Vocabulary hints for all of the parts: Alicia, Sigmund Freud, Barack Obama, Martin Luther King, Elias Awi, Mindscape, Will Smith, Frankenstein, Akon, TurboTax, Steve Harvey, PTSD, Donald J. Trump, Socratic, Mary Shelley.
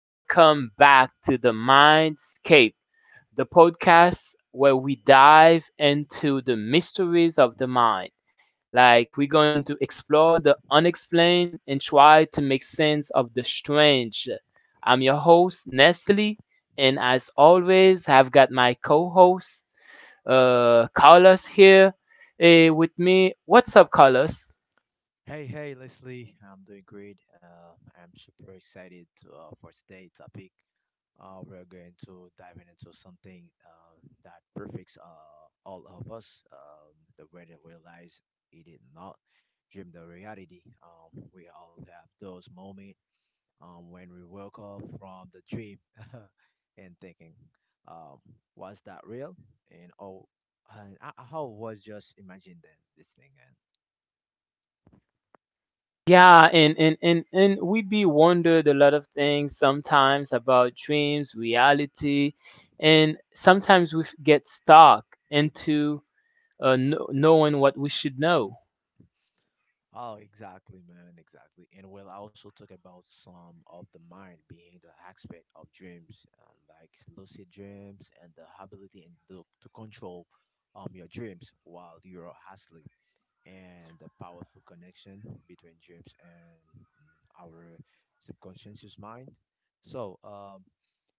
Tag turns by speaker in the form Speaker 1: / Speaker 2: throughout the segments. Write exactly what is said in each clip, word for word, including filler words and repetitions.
Speaker 1: welcome back to the Mindscape, the podcast where we dive into the mysteries of the mind. Like, we're going to explore the unexplained and try to make sense of the strange. I'm your host, Nestle, and as always, I've got my co host, uh, Carlos, here eh, with me. What's up, Carlos?
Speaker 2: Hey, hey, Leslie. I'm doing great. Uh, I'm super excited to, uh, for today's topic. Uh, we're going to dive into something um, that perfects uh, all of us, um, the way they realize it is not dream the reality. Um, we all have those moments um, when we woke up from the dream and thinking, um, was that real? And oh, and I, I was just imagining this thing.
Speaker 1: Yeah, and, and, and, and we be wondered a lot of things sometimes about dreams, reality, and sometimes we f- get stuck into uh, kno- knowing what we should know.
Speaker 2: Oh, exactly, man, exactly. And we'll also talk about some of the mind being the aspect of dreams, um, like lucid dreams and the ability and the, to control um your dreams while you're asleep and the powerful connection between dreams and mm, our subconscious mind. So, um,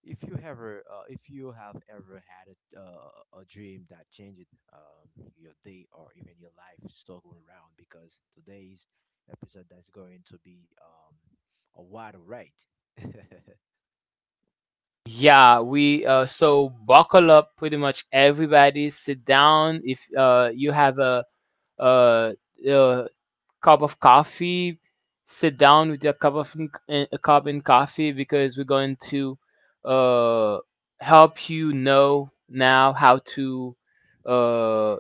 Speaker 2: if you ever, uh, if you have ever had a, uh, a dream that changed um, your day or even your life, circle around because today's episode that's going to be um, a wild ride.
Speaker 1: Yeah, we uh, so buckle up, pretty much everybody. Sit down if uh, you have a, uh uh cup of coffee, sit down with your cup of n- a cup and coffee because we're going to uh, help you know now how to uh,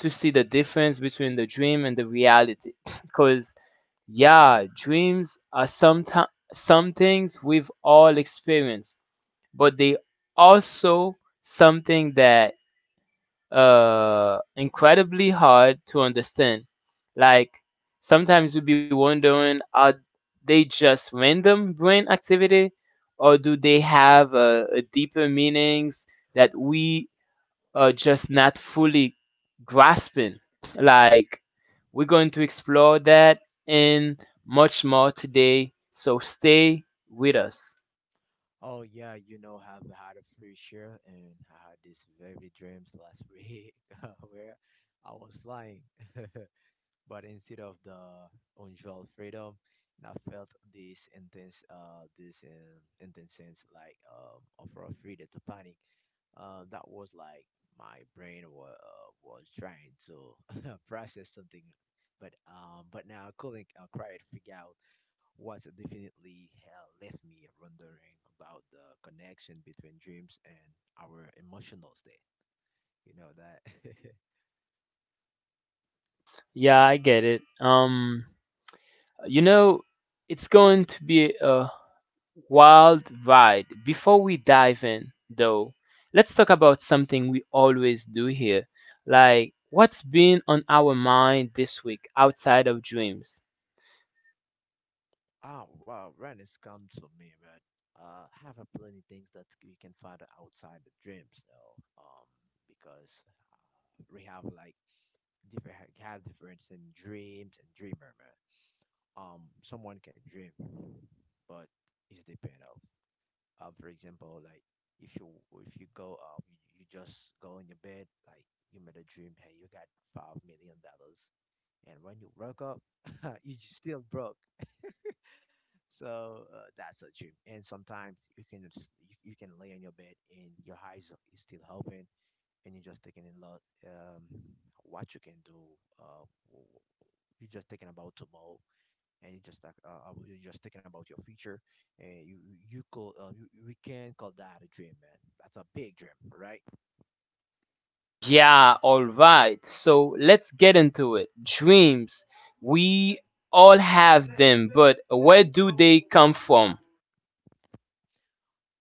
Speaker 1: to see the difference between the dream and the reality. Because yeah, dreams are sometimes some things we've all experienced, but they also something that uh incredibly hard to understand. Like sometimes we be wondering are they just random brain activity or do they have uh, a deeper meanings that we are just not fully grasping? Like we're going to explore that and much more today. So stay with us.
Speaker 2: Oh yeah, you know, I've had a free share, and I had these very dreams last week where I was flying, but instead of the unusual freedom, I felt this intense, uh, this um, intense sense like um, of raw freedom to panic. Uh, that was like my brain was uh, was trying to process something, but um, but now I couldn't uh, quite figure out what definitely uh, left me wondering about the connection between dreams and our emotional state. You know that.
Speaker 1: Yeah, I get it. Um you know, it's going to be a worldwide. Before we dive in, though, let's talk about something we always do here. Like, what's been on our mind this week outside of dreams?
Speaker 2: Oh wow, Ren has come to me, but uh, have a plenty things that we can find outside the dreams, though. Um, because uh, we have like different ha- have difference in dreams and dreamer, man. Um, someone can dream, but it's depend of. Um, for example, like if you if you go um you, you just go in your bed, like you made a dream, hey, you got five million dollars, and when you woke up, you just still broke. So uh, that's a dream. And sometimes you can just, you, you can lay on your bed and your eyes are- is still open, and you're just taking in lot um, what you can do. Uh, w- w- you're just thinking about tomorrow, and you just like, uh, uh, you're just thinking about your future, and you you you call uh, you, you- we can call that a dream, man. That's a big dream, right?
Speaker 1: Yeah, all right. So let's get into it. Dreams. We all have them, but where do they come from?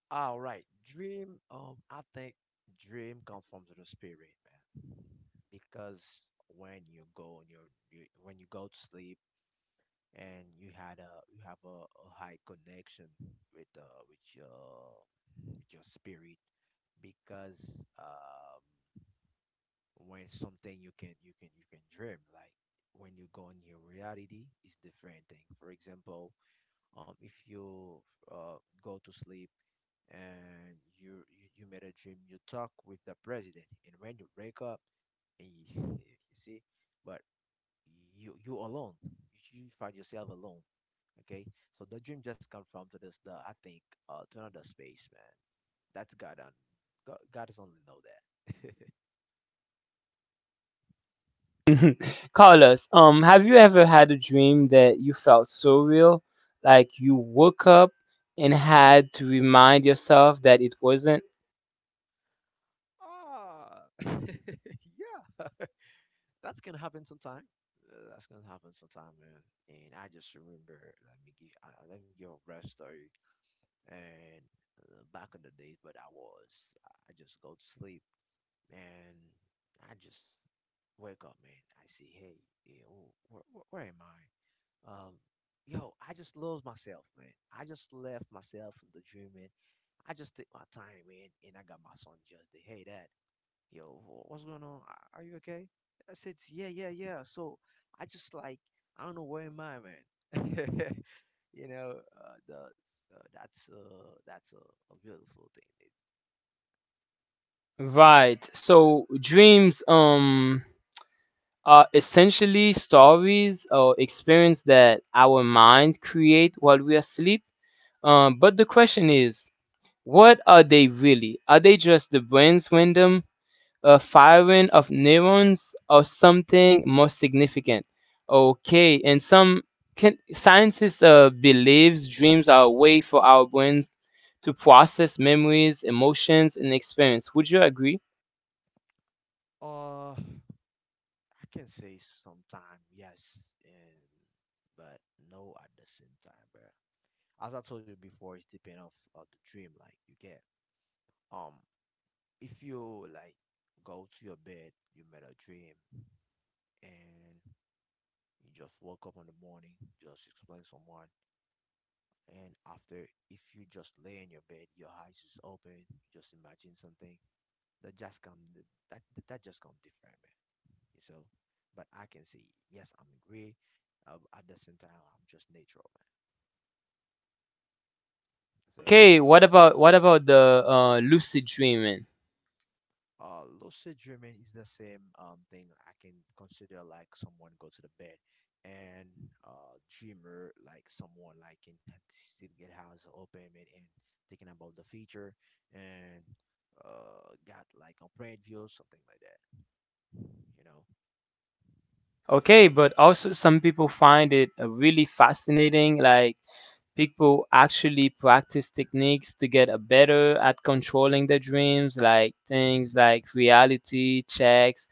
Speaker 2: All right, dream. Um, I think dream comes from the spirit, man, because when you go and you you when you go to sleep and you had a you have a, a high connection with uh with your with your spirit because um when something you can you can you can dream like when you go in your reality it's different thing. For example, um if you uh go to sleep and you you, you made a dream, you talk with the president, and when you wake up and you, you see but you you alone, you find yourself alone. Okay, so the dream just come from to this the I think uh to another space, man. That's god on god, god is only know that.
Speaker 1: Carlos, um, have you ever had a dream that you felt so real, like you woke up and had to remind yourself that it wasn't?
Speaker 2: Ah, yeah. that's gonna happen sometime Uh, that's gonna happen sometime, man. And I just remember, let me give uh, let me give a rough story. And uh, back in the days, but I was I I just go to sleep and I just wake up, man. I see, hey, yeah, wh- where, where, where am I? Um, yo, I just lost myself, man. I just left myself in the dream, man. I just took my time, man, and I got my son just there. Hey, dad, yo, wh- what's going on? Are are you okay? I said, yeah, yeah, yeah. So I just like, I don't know where am I, man. You know, uh, the, uh, that's uh, that's a, a beautiful thing.
Speaker 1: Right. So dreams um are essentially stories or experience that our minds create while we are asleep. Um, but the question is, what are they really? Are they just the brain's random uh, firing of neurons or something more significant? Okay, and some can, scientists uh, believes dreams are a way for our brain to process memories, emotions, and experience. Would you agree?
Speaker 2: Uh, I can say sometime yes, and but no at the same time, bro. As I told you before, it's depend of uh, the dream like you get. Um, if you like go to your bed, you made a dream, and you just woke up in the morning, just explain someone, and after if you just lay in your bed, your eyes is open, you just imagine something that just come that that just come different, man. So, but I can say yes, I'm great. Uh, at the same time, I'm just natural, man. I say,
Speaker 1: Okay, what about what about the uh, lucid dreaming?
Speaker 2: uh, lucid dreaming is the same um thing. I can consider like someone go to the bed and uh dreamer like someone like can ha- still get house open man, and thinking about the future and uh got like a brain view something like that. You know, that's what I
Speaker 1: Okay, but also some people find it uh, really fascinating. Like people actually practice techniques to get a better at controlling their dreams, like things like reality checks,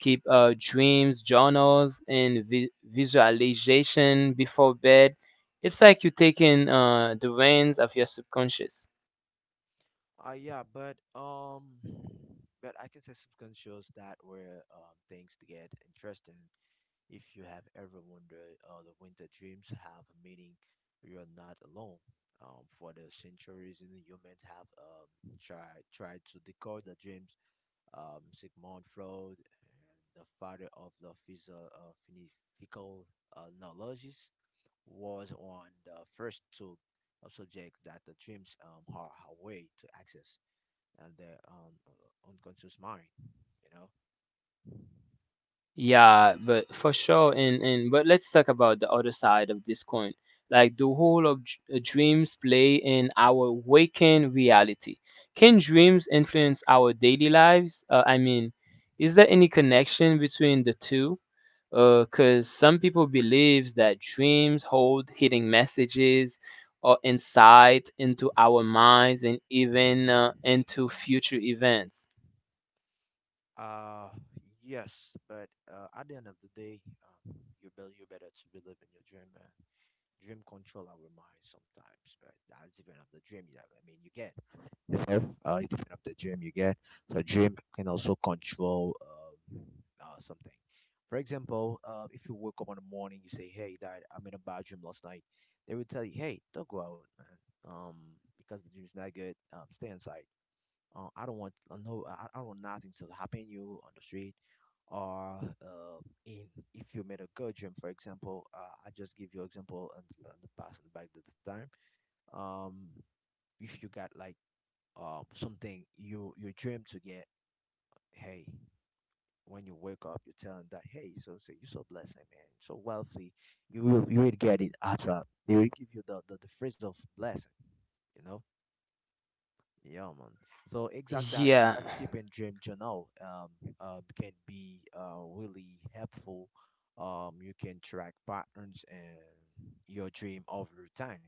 Speaker 1: keep uh, dreams journals, and vi- visualization before bed. It's like you're taking uh, the reins of your subconscious.
Speaker 2: Uh, yeah, but um, but I can say some shows that where um things to get interesting. If you have ever wondered, uh, the winter dreams have a meaning. You're not alone. Um, for the centuries, the humans have um tried tried to decode the dreams. Um, Sigmund Freud, and the father of the physio uh, philosophical uh, knowledges, was on the first two of subjects that the dreams um are a way to access and their um, uh, unconscious mind, you know?
Speaker 1: Yeah, but for sure, and and but let's talk about the other side of this coin, like the whole of dr- uh, dreams play in our waking reality. Can dreams influence our daily lives? Uh, I mean, is there any connection between the two? Because some people believes that dreams hold hidden messages or insight into our minds and even uh, into future events.
Speaker 2: Uh, yes, but uh, at the end of the day, um, you better you better to believe in your dream, man. Dream control our mind sometimes, but that's even of the dream you I mean, you get, you know, uh, it's depend of the dream you get. So dream can also control um, uh, something. For example, uh, if you wake up in the morning, you say, "Hey, Dad, I'm in a bad dream last night." They will tell you, "Hey, don't go out, man. Um, because the dream's not good. Um, stay inside." Uh, I don't want uh, no. I, I want nothing to happen you on the street, or uh, in if you made a good dream, for example. Uh, I just give you example and the, in the past and back to the time. Um, if you got like um something you you dream to get, hey, when you wake up, you're telling that hey, so so you're so blessed, man, so wealthy. You will you will get it at a. They will give you the the, the phrase of blessing, you know. Yeah, man. So exact that uh,
Speaker 1: Yeah.
Speaker 2: that keeping dream journal um, um can be uh really helpful. Um, you can track patterns and your dream over time,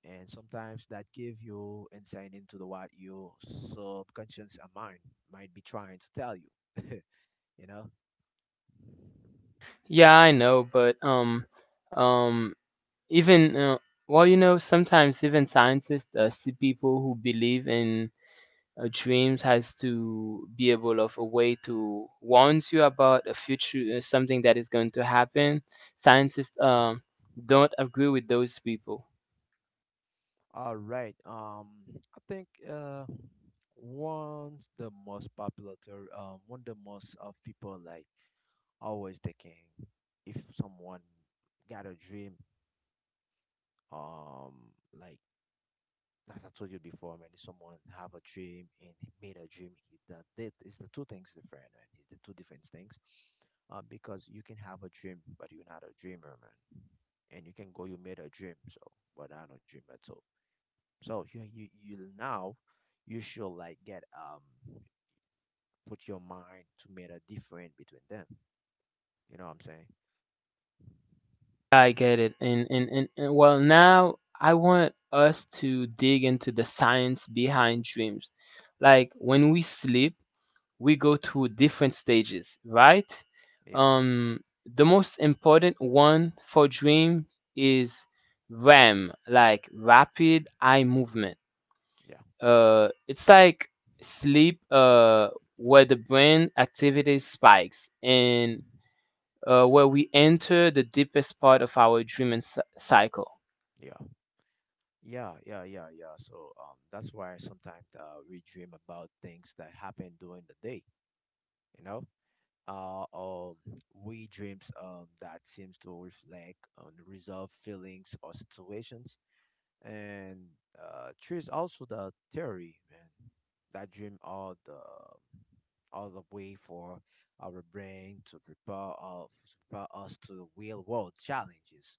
Speaker 2: and sometimes that give you insight into the what your subconscious mind might be trying to tell you. You know.
Speaker 1: Yeah, I know, but um, um, even uh, well, you know, sometimes even scientists, uh, see people who believe in uh, dreams, has to be able of a way to warns you about a future, uh, something that is going to happen. Scientists um don't agree with those people.
Speaker 2: All right. Um, I think uh, one's the most popular theory. Um, one the most of people like always thinking if someone got a dream. Um, like as I told you before, man, if someone have a dream and he made a dream, he that that is the two things different, man. It's the two different things. Uh, because you can have a dream, but you're not a dreamer, man. And you can go, you made a dream, so but I'm not a dreamer, so so you you you now you should like get um put your mind to make a difference between them. You know what I'm saying?
Speaker 1: I get it, and and and, and well, now I want us to dig into the science behind dreams, like when we sleep. We go through different stages, right?
Speaker 2: Yeah,
Speaker 1: Um, the most important one for dream is R E M, like rapid eye movement.
Speaker 2: yeah,
Speaker 1: Uh, it's like sleep, uh, where the brain activity spikes and uh, where we enter the deepest part of our dreaming cy- cycle.
Speaker 2: yeah, yeah, yeah, yeah, yeah. So um that's why sometimes uh, we dream about things that happen during the day. You know, uh um we dreams um that seems to reflect on resolved feelings or situations and uh, there's also the theory, man, that dream all the um, all the way for our brain to prepare us, prepare us to the real world challenges.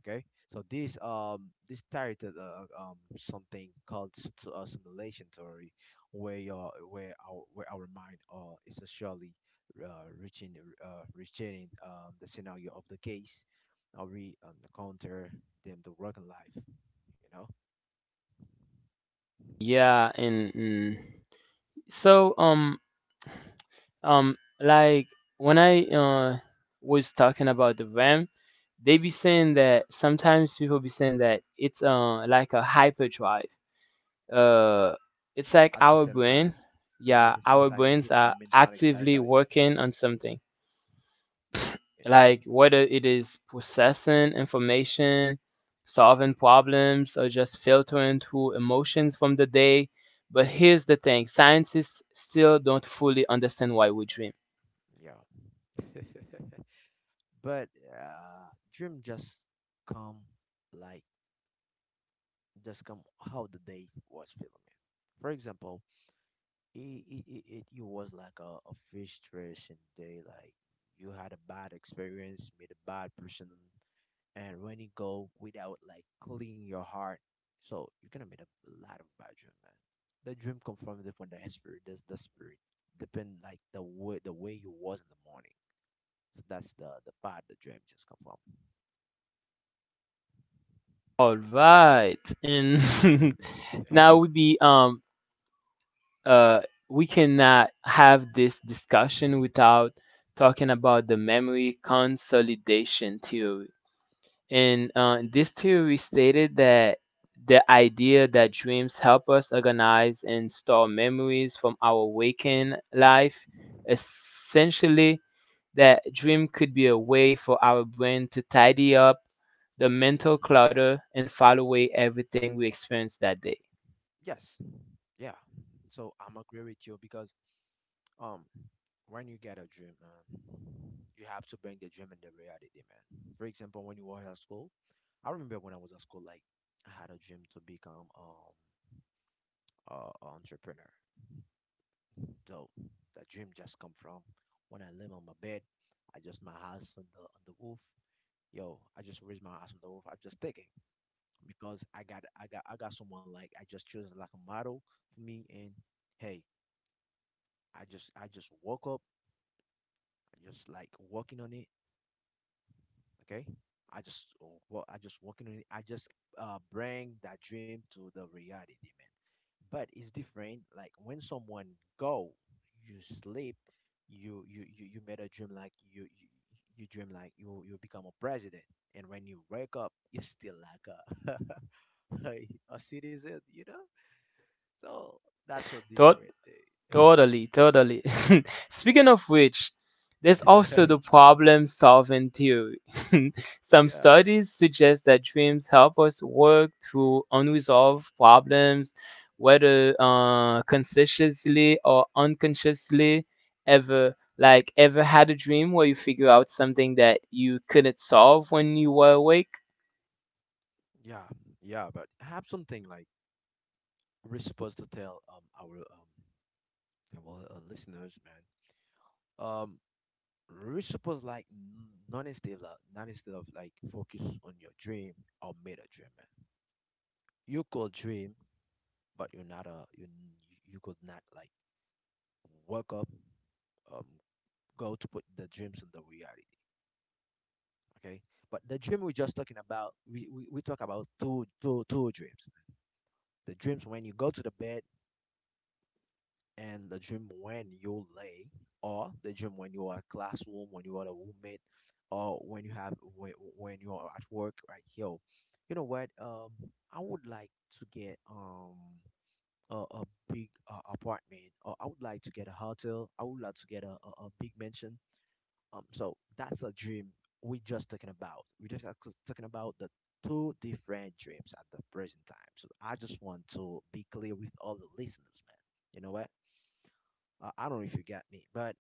Speaker 2: Okay, so this um this theory that uh, um something called s- to uh, simulation theory, where your where our where our mind uh is surely uh, reaching uh reaching um the scenario of the case, uh, we um, encounter them the working life, you know
Speaker 1: Yeah, and, and so um, Um, like when I uh, was talking about the RAM, they be saying that sometimes people be saying that it's uh like a hyperdrive. Uh, it's like
Speaker 2: at the
Speaker 1: our
Speaker 2: same
Speaker 1: brain.
Speaker 2: time. Yeah, at
Speaker 1: Yeah,
Speaker 2: the same
Speaker 1: our
Speaker 2: time, this
Speaker 1: brains
Speaker 2: is a
Speaker 1: are
Speaker 2: mental
Speaker 1: actively
Speaker 2: exercise.
Speaker 1: working on something. Like whether it is processing information, solving problems, or just filtering through emotions from the day. But here's the thing: scientists still don't fully understand why we dream.
Speaker 2: Yeah, yeah. But uh, dream just come like just come how the day was feeling. For example, it, it, it, it it was like a, a frustration day. Like you had a bad experience, meet a bad person, and when you go without like clean your heart, so you're gonna meet a lot of bad dream, man. The dream come from different the spirit, that's the spirit, depend like the way the way you was in the morning. So that's the the part the dream just come from,
Speaker 1: All
Speaker 2: you
Speaker 1: right. And
Speaker 2: know.
Speaker 1: now we be um uh we cannot have this discussion without talking about the memory consolidation theory. In uh, this theory stated that the idea that dreams help us organize and store memories from our waking life, essentially, that dream could be a way for our brain to tidy up the mental clutter and file away everything we experienced that day.
Speaker 2: Yes, yeah. So I'm agree with you because Um, when you get a dream, man, you have to bring the dream in the reality, man. For example, when you were at school, I remember when I was at school, like I had a dream to become um a a entrepreneur. So that dream just come from when I live on my bed, I just my house on the on the roof. Yo, I just raised my house on the roof. I'm just thinking because I got I got I got someone like I just chose like a model for me, and hey, I just I just woke up, I just like working on it. Okay, I just oh, well, I just working on it. I just uh bring that dream to the reality, man. But it's different. Like when someone go, you sleep, you you you, you made a dream like you you, you dream like you you become a president, and when you wake up, you're still like a like a citizen, you know. So that's a
Speaker 1: Thought
Speaker 2: different thing.
Speaker 1: Totally, totally. Speaking of which, there's
Speaker 2: Yeah.
Speaker 1: also the problem solving theory. Some
Speaker 2: Yeah.
Speaker 1: studies suggest that dreams help us work through unresolved problems, whether uh, consciously or unconsciously. Ever, like, ever had a dream where you figure out something that you couldn't solve when you were awake?
Speaker 2: Yeah, yeah, but I have something like we're supposed to tell um our um yeah, well uh, listeners, man. Um, we're supposed like n- not instead of like, not instead of like focus on your dream or made a dream, man. You could dream, but you're not a you you could not like work up, um, go to put the dreams in the reality. Okay, but the dream we're just talking about, we we, we talk about two two two dreams. The dreams when you go to the bed and the dream when you lay, or the dream when you are at classroom, when you are a roommate, or when you have when, when you are at work, right? Yo, you know what? Um, I would like to get um a, a big uh, apartment, or I would like to get a hotel. I would like to get a, a, a big mansion. Um, so that's a dream we just talking about. We just are c- talking about the two different dreams at the present time. So I just want to be clear with all the listeners, man. You know what? Uh, I don't know if you got me, but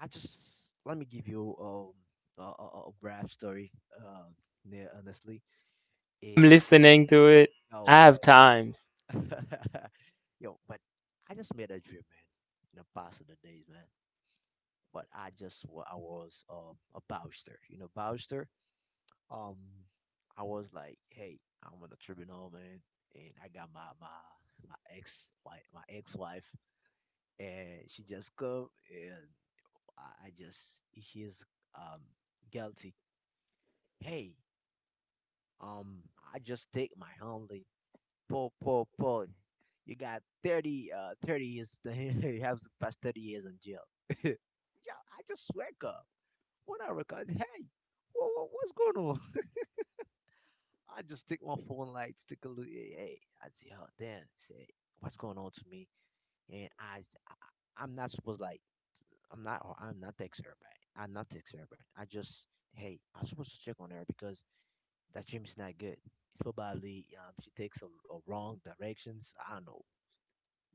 Speaker 2: I just let me give you um a, a, a brief story. Um, yeah, honestly,
Speaker 1: I'm
Speaker 2: it
Speaker 1: listening to it.
Speaker 2: yo,
Speaker 1: I have times.
Speaker 2: yo, but I just made a dream, man. In the past of the days, man. But I just wa- I was um a bowster, you know, bowster. Um, I was like, hey, I'm on the tribunal, man, and I got my my my ex wife, my ex wife, and she just come and I, I just she's um guilty. Hey, um, I just take my homely. Po po po. You got thirty uh thirty years. You have to pass thirty years in jail. Yeah, I just wake up when I realize, hey, wha wha- what's going on? I just take my phone, like take a look. Hey, hey, I see her then say what's going on to me, and I, I I'm not supposed like I'm not oh, I'm not tech servant. I'm not tech servant. I just hey, I'm supposed to check on her because that gym is not good. It's probably um she takes a, a wrong directions. I don't know,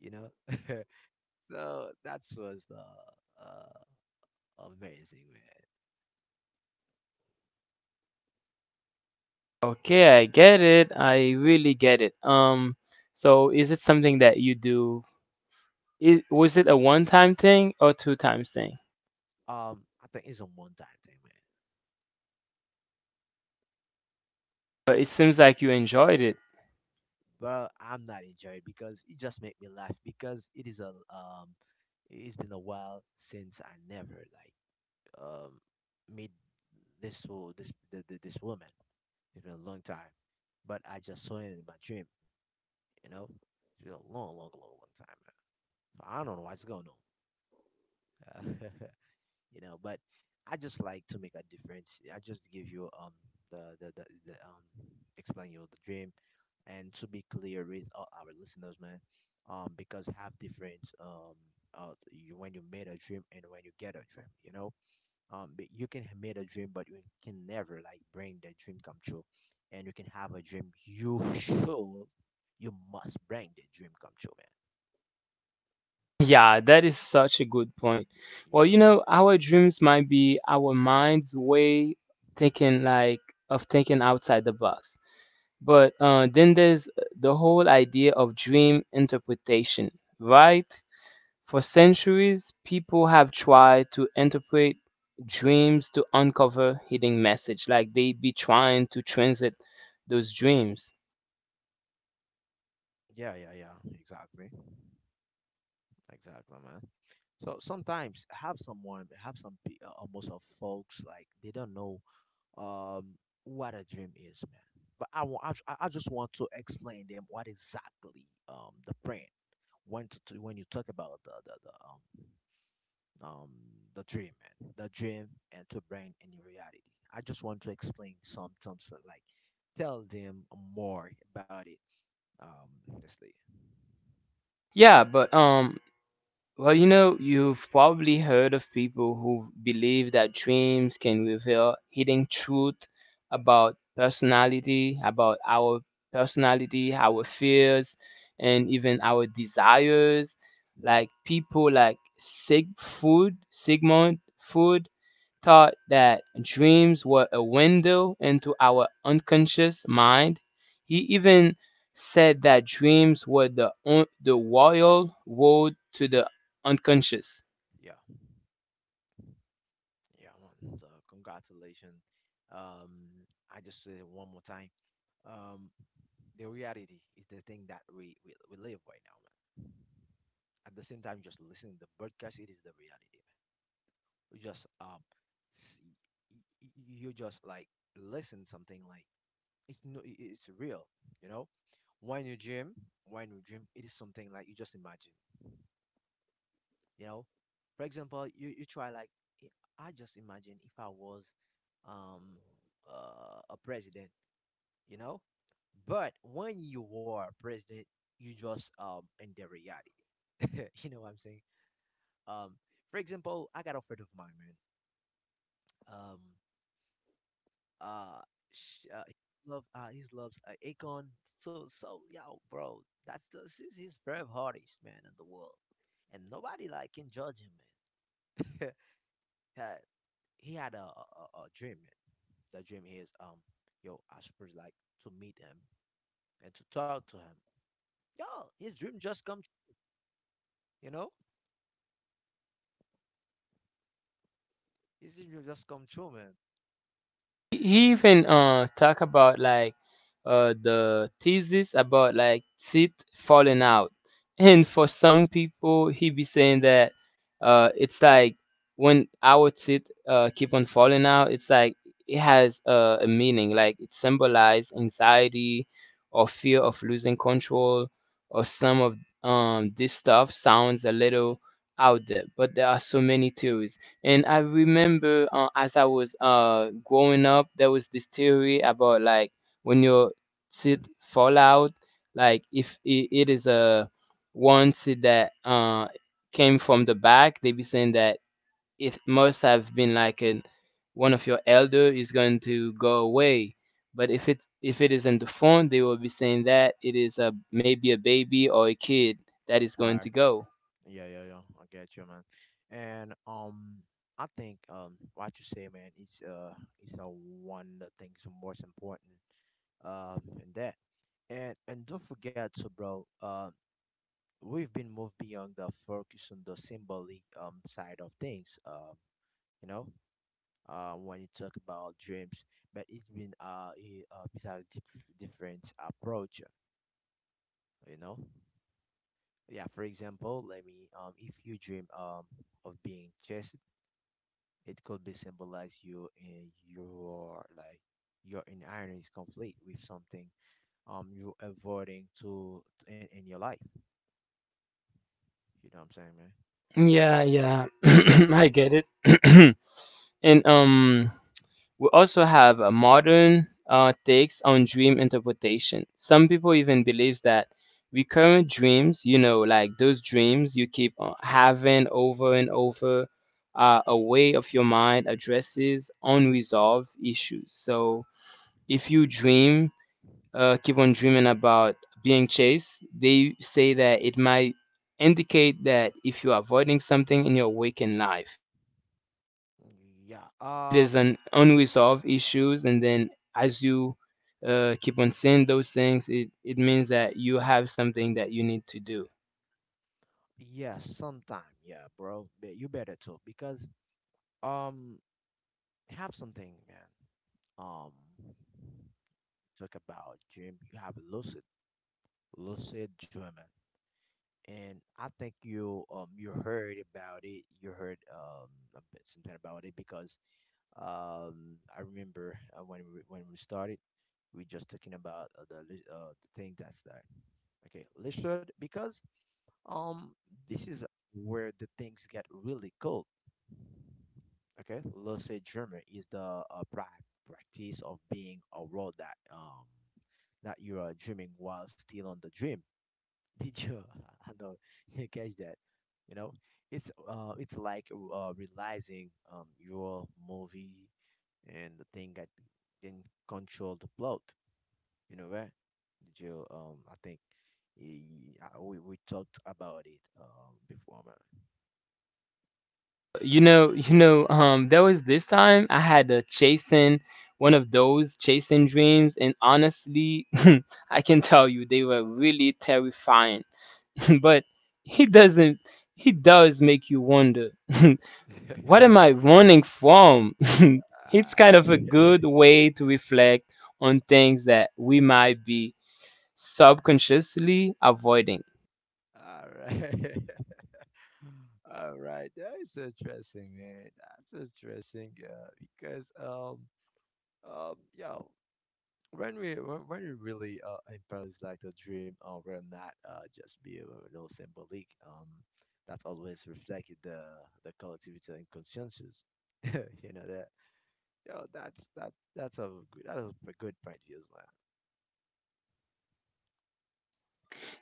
Speaker 2: you know. So that was uh, uh amazing, man.
Speaker 1: Okay, I get it. I really get it. Um, so is it something that you do? It, was it a one-time thing or two times thing?
Speaker 2: Um, I think it's a one time thing, man.
Speaker 1: But it seems like you enjoyed it.
Speaker 2: But I'm not enjoying it because it just made me laugh because it is a um it's been a while since I never like um meet this wo- this the, the, this woman. It's been a long time, but I just saw it in my dream. You know, it's been a long, long, long, long time, man. So I don't know what's going on. Uh, you know, but I just like to make a difference. I just give you um the the, the, the um explain you the dream, and to be clear with all our listeners, man, um because have different um uh you, when you made a dream and when you get a dream, you know um but you can make a dream, but you can never like bring the dream come true, and you can have a dream, you should you must bring the dream come true,
Speaker 1: Yeah, that is such a good point.
Speaker 2: man.
Speaker 1: Well,
Speaker 2: Yeah,
Speaker 1: you know, our dreams might be our mind's way thinking like of thinking outside the box. But uh, then there's the whole idea of dream interpretation, right? For centuries, people have tried to interpret dreams to uncover hidden message, like they be trying to transit those dreams.
Speaker 2: yeah, yeah, yeah, exactly, exactly, man. So sometimes I have someone I have some pe- uh, almost of folks like they don't know um what a dream is, man. But I want I, ju- I I just want to explain them what exactly um the brand, when to, to when you talk about the the, the um um the dream, man, the dream, and to bring in the reality. I just want to explain some terms that, like, tell them more about it, um honestly.
Speaker 1: Yeah, but um, well, you know, you've probably heard of people who believe that dreams can reveal hidden truth about personality, about our personality, our fears, and even our desires. Like people like Sig Food, Sigmund Food, taught that dreams were a window into our unconscious mind. He even said that dreams were the, on- the royal road to the unconscious.
Speaker 2: Yeah, yeah, man. So congratulations. Um i just say one more time, um the reality is the thing that we, we we live right now, man. At the same time, just listening to the broadcast, it is the reality, man. You just um see, y- y- you just like listen something like it's, no, it- it's real, you know. when you dream when you dream, it is something like you just imagine, you know. For example, you you try like i I just imagine if I was um uh, a president, you know. But when you are president, you just um in the reality. You know what I'm saying. Um for example, I got offered of mine, man. Um Uh, sh uh, he love uh, he loves uh, Akon. So so yo, bro, that's the he's, he's brave hardest man in the world, and nobody like can judge him, man. Uh, he had a, a a a dream, man. The dream is um, yo, I should really like to meet him and to talk to him. Yo, his dream just come, tr- you know, his dream just come true, man.
Speaker 1: He even uh talk about like uh the thesis about like teeth falling out. And for some people he be saying that uh it's like when our teeth uh keep on falling out, it's like it has uh, a meaning, like it symbolizes anxiety or fear of losing control or some of um this stuff sounds a little out there, but there are so many theories. And I remember uh, as I was uh, growing up, there was this theory about like when your teeth fall out, like if it, it is a one tooth that uh, came from the back, they be saying that it must have been like an, one of your elder is going to go away. But
Speaker 2: Yeah.
Speaker 1: if it if it is in the phone, they will be saying that it is a maybe a baby or a kid that is
Speaker 2: All
Speaker 1: going
Speaker 2: right.
Speaker 1: to go.
Speaker 2: Yeah, yeah, yeah. I get you, man. And um, I think um, what you say, man, is uh, is uh, one of the things most important um in that. And and don't forget, so bro, uh, we've been moved beyond the focus on the symbolic um side of things. Um, you know, uh, when you talk about dreams, but it's been uh, a, uh it's a dif- different approach. You know, yeah. For example, let me um, if you dream um of being chased. It could be symbolized you in your like your inner is complete with something um you're avoiding to in, in your life. You know what I'm saying, man?
Speaker 1: Yeah, yeah. I get it. And um we also have a modern uh takes on dream interpretation. Some people even believes that recurrent dreams, you know, like those dreams you keep uh, having over and over are a way of your mind addresses unresolved issues. So if you dream uh, keep on dreaming about being chased, they say that it might indicate that if you're avoiding something in your waking life, that
Speaker 2: Yeah.
Speaker 1: it
Speaker 2: Um.
Speaker 1: is an unresolved issues, and then as you uh, keep on seeing those things, it, it means that you have something that you need to do.
Speaker 2: Yeah. Sometime. Yeah, bro. But you better too because um have something, man. Um, talk about dream. You have lucid, lucid dreaming, and I think you um you heard about it. You heard um a bit something about it, because Um, I remember uh, when we when we started, we just talking about uh, the li- uh, the thing that's there. Okay, Lizard, because um this is where the things get really cold. Okay, let's say German is the uh, prac- practice of being a road that um that you are dreaming while still on the dream. Did you? I know you catch that. You know, it's uh it's like uh realizing um your movie and the thing that didn't control the plot. You know, right? Did you? Um, I think he, uh, we we talked about it um before,
Speaker 1: You know, you know, um, there was this time I had a chasing one of those chasing dreams, and honestly, I can tell you they were really terrifying, but he doesn't he does make you wonder what
Speaker 2: man.
Speaker 1: am I running from? It's kind
Speaker 2: Ah,
Speaker 1: of a good way to reflect on things that we might be subconsciously avoiding.
Speaker 2: all right. All right. That's interesting, man. That's interesting. Uh, because um um yeah, when we when when we really uh, embrace like the dream, uh, we're not, uh, just be a little symbolic, um that's always reflected the the collectivity and consensus. You know that, yo, that's that that's a good that is a good point. Yes,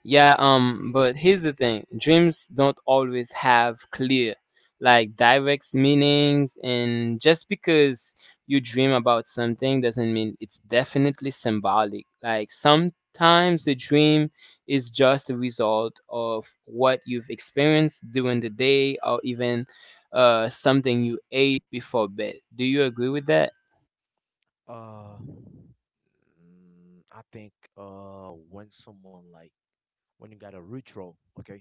Speaker 1: Yeah, um, but here's the thing: dreams don't always have clear, like direct meanings, and just because you dream about something doesn't mean it's definitely symbolic. Like sometimes the dream is just a result of what you've experienced during the day or even uh, something you ate before bed. Do you agree with that?
Speaker 2: man. Uh mm, i think uh when someone like when you got a ritual, okay,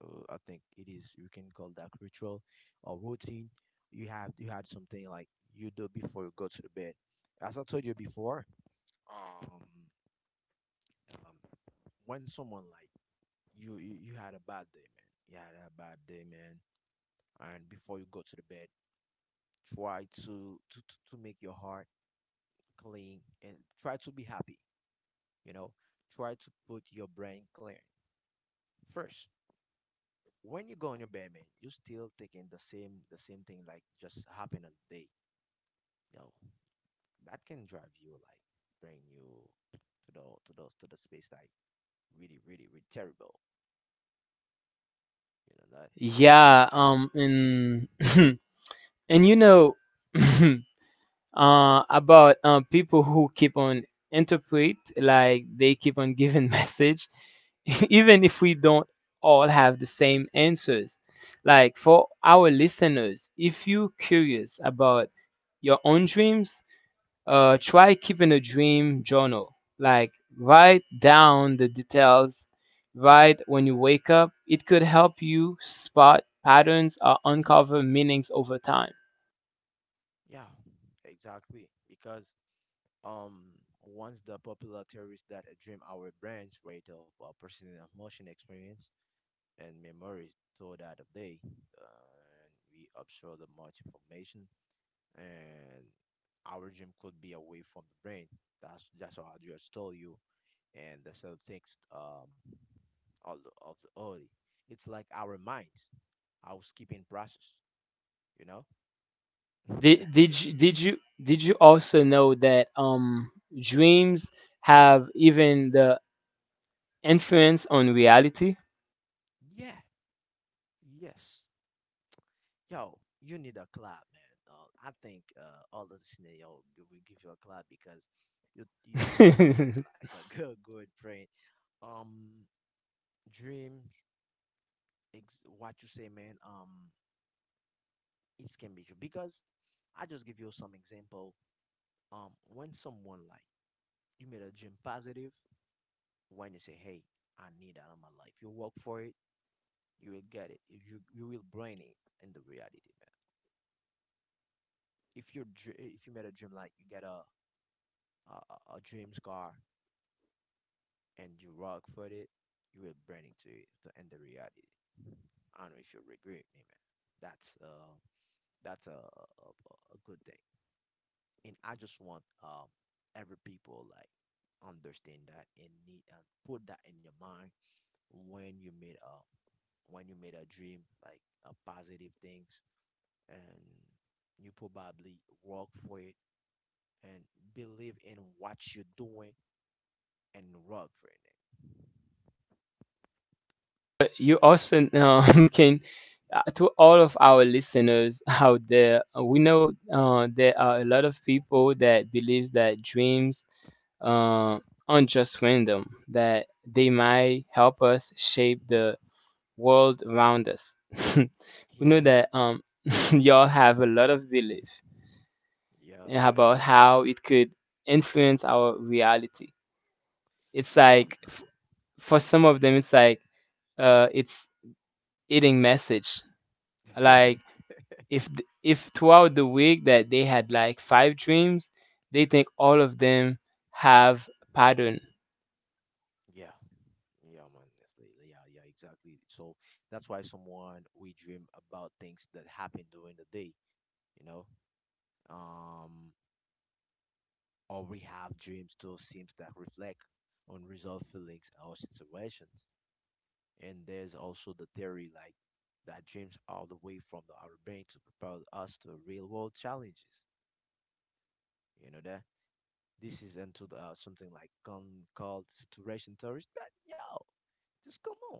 Speaker 2: uh, i think it is you can call that ritual or routine. You have you had something like you do before you go to the bed. As I told you before, um, um when someone like you, you you had a bad day, man, you had a bad day, man. And before you go to the bed, try to to to to make your heart clean and try to be happy, you know. Try to put your brain clear first. When you go on your bed, man, you still thinking the same the same thing like just happened on the day. Yo, that can drive you, like, bring you to the to those to the space like really, really, really terrible. You know that?
Speaker 1: Yeah, um, and and you know. uh, about um, people who keep on interpret like they keep on giving message, even if we don't all have the same answers. Like for our listeners, if you're curious about your own dreams, uh, try keeping a dream journal, like write down the details right when you wake up. It could help you spot patterns or uncover meanings over time.
Speaker 2: Yeah, exactly. Because um once the popular theories that a dream, our brains rate of uh, personal emotion experience and memories to that of day, uh, and we absorb the much information, and our gym could be away from the brain. That's that's what I just told you, and the cell thinks um all the- of the early. It's like our minds, our skipping process. You know,
Speaker 1: Did
Speaker 2: that's
Speaker 1: did
Speaker 2: it.
Speaker 1: you, did you did you also know that um dreams have even the influence on reality?
Speaker 2: Yeah. Yes. Yo, you need a clap, man. Uh, I think uh, all the listeners, yo, g- we give you a clap because you you, you just touched like a good good friend. Um, dreams, ex- what you say, man. Um, it can be true because I just give you some example. Um, when someone like you made a gym positive, when you say, "Hey, I need that in my life," you work for it, you will get it. If you you will bring it in the reality, man. If you dr- if you made a dream like you get a a, a a dreams car and you work for it, you will bring it to it to end the reality. I don't know if you agree with me, man. That's uh that's a, a a good thing. And I just want um every people like understand that and need and put that in your mind when you made a when you made a dream like a positive things and you probably work for it and believe in what you're doing and work for it.
Speaker 1: But you also um, can uh, to all of our listeners out there, uh, we know uh, there are a lot of people that believes that dreams uh, aren't just random; that they might help us shape the world around us. We know
Speaker 2: Yeah.
Speaker 1: that um, y'all have a lot of belief
Speaker 2: Yeah,
Speaker 1: about how it could influence our reality. It's like
Speaker 2: yeah,
Speaker 1: f- for some of them, it's like uh, it's eating message.
Speaker 2: yeah.
Speaker 1: Like if th- if throughout the week that they had like five dreams, they think all of them have pattern.
Speaker 2: Yeah. Yeah, man. Honestly, yeah, yeah, exactly. So that's why someone we dream about things that happen during the day, you know. Um, or we have dreams too seems that reflect on unresolved feelings or situations. And there's also the theory like that dreams are the way from the our brain to propel us to real world challenges. You know that this is into the, uh, something like con- called saturation theories. But yo, just come on.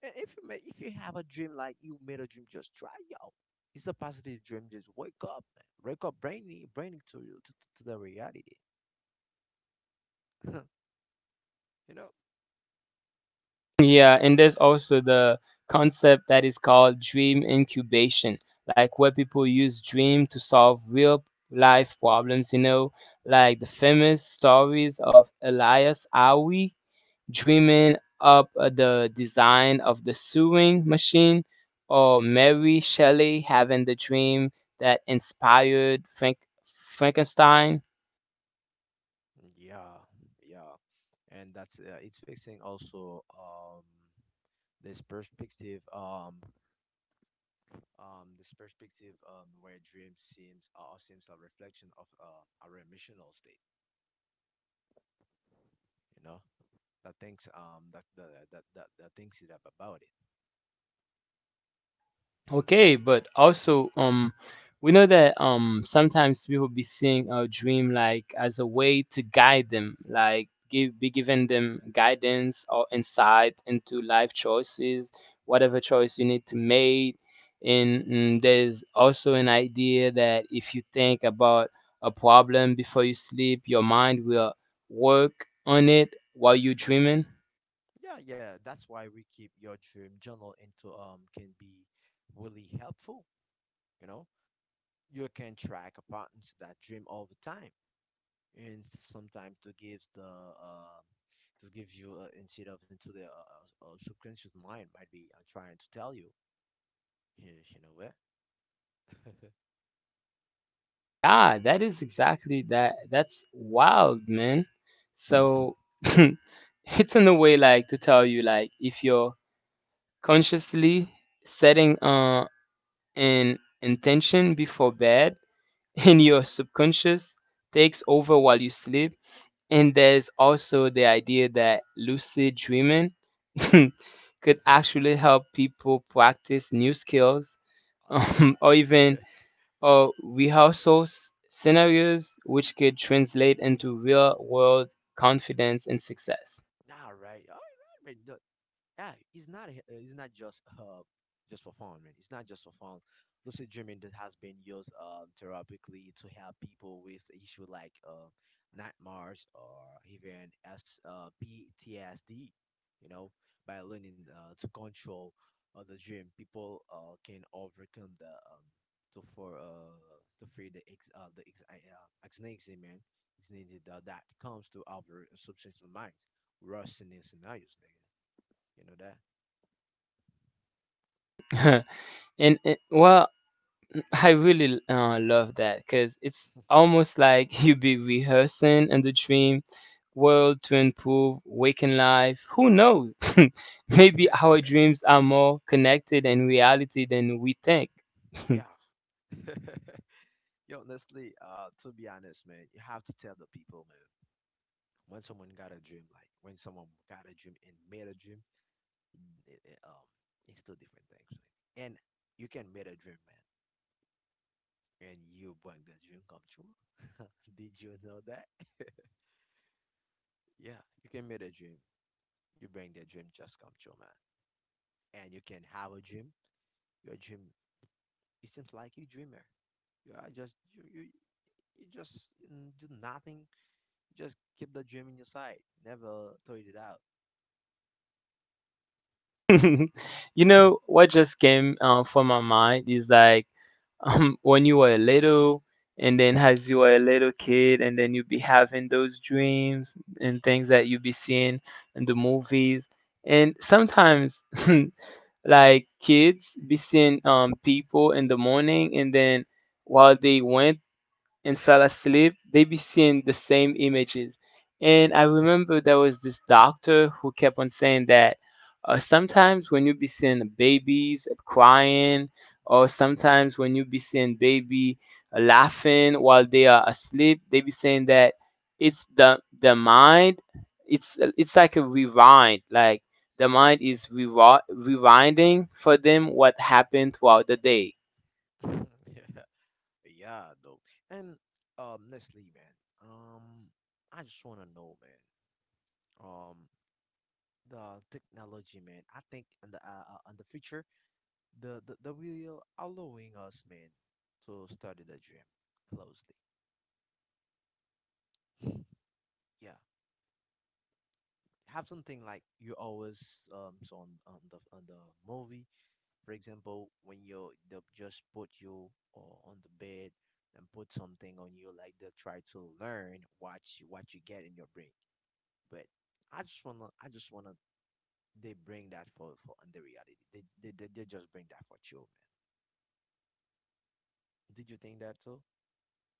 Speaker 2: And if you make, if you have a dream like you made a dream, just try, yo. It's a positive dream. Just wake up, man. Wake up, bringing bringing to you to, to the reality. you know.
Speaker 1: Yeah, and there's also the concept that is called dream incubation, like where people use dream to solve real life problems. You know, like the famous stories of Elias Awi dreaming up uh, the design of the sewing machine, or Mary Shelley having the dream that inspired Frank- Frankenstein.
Speaker 2: Yeah, yeah, and that's uh, it's fixing also um this perspective um um this perspective um where dream seems uh, seems a reflection of uh, our emotional state. You know, that thinks um that that that that, that thinks it ab- about it.
Speaker 1: Okay, but also, um, we know that um sometimes people be seeing a dream like as a way to guide them, like give be giving them guidance or insight into life choices, whatever choice you need to make. And mm, there's also an idea that if you think about a problem before you sleep, your mind will work on it while you're dreaming.
Speaker 2: Yeah, yeah, that's why we keep your dream journal into um can be really helpful, you know. You can track a patterns that dream all the time. And sometimes to give the uh, to give you uh, insight of into the uh, uh, uh, subconscious mind might be uh, trying to tell you, you, you know what?
Speaker 1: Yeah, that is exactly that. That's wild, man. So it's in a way like to tell you, like if you're consciously setting uh an intention before bed and your subconscious takes over while you sleep, and there's also the idea that lucid dreaming could actually help people practice new skills,
Speaker 2: Uh, yeah,
Speaker 1: um, or even uh, we also s- scenarios which could translate into real world confidence and success.
Speaker 2: nah, right. All right, all right, man. The- Yeah, it's not. a- uh, It's not just uh, just for fun, man. It's not just for fun. Lucid dreaming that has been used uh, therapeutically to help people with issue like uh, nightmares or even S uh, P T S D. You know, by learning uh, to control uh, the dream, people uh, can overcome the um, to for uh to free the ex uh, the ex uh, anxiety, man, anxiety that, that comes to our subconscious mind. Rushing in scenarios, nigga. You know
Speaker 1: And it, well, I really uh, love that, because it's almost like you be rehearsing in the dream world to improve waking life. Who knows? Maybe
Speaker 2: that?
Speaker 1: our dreams are more connected in reality than we think.
Speaker 2: yeah. Yo, honestly, uh, to be honest, man, you have to tell the people, man. When someone got a dream, like when someone got a dream and made a dream, it, it, um, it's two different things. Right? And you can make a dream, man, and you bring the dream come true. Did you know that? yeah, you can make a dream. You bring the dream just come true, man. And you can have a dream. Your dream, it seems like you dreamer. You are just you, you you just mm, do nothing. Just keep the gym in your side. Never throw it out.
Speaker 1: You know what just came uh, from my mind is like um, when you were little, and then as you were a little kid and then you be having those dreams and things that you be seeing in the movies, and sometimes like kids be seeing um people in the morning, and then while they went and fell asleep, they be seeing the same images. And I remember there was this doctor who kept on saying that uh, sometimes when you be seeing the babies crying, or sometimes when you be seeing baby uh, laughing while they are asleep, they be saying that it's the the mind. It's it's like a rewind, like the mind is rewi- rewinding for them what happened throughout the day.
Speaker 2: yeah. Yeah, though. And um, Leslie, man. Um, I just wanna know, man. Um, the technology, man. I think in the uh, uh, in the future, the the the will allowing us, man, to study the dream closely. yeah, have something like you always um saw on, on the on the movie. For example, when you they just put you or on the bed and put something on you, like they try to learn what you, what you get in your brain. But I just wanna, I just wanna, they bring that for for under reality. They they they, they just bring that for children. Did you think that too?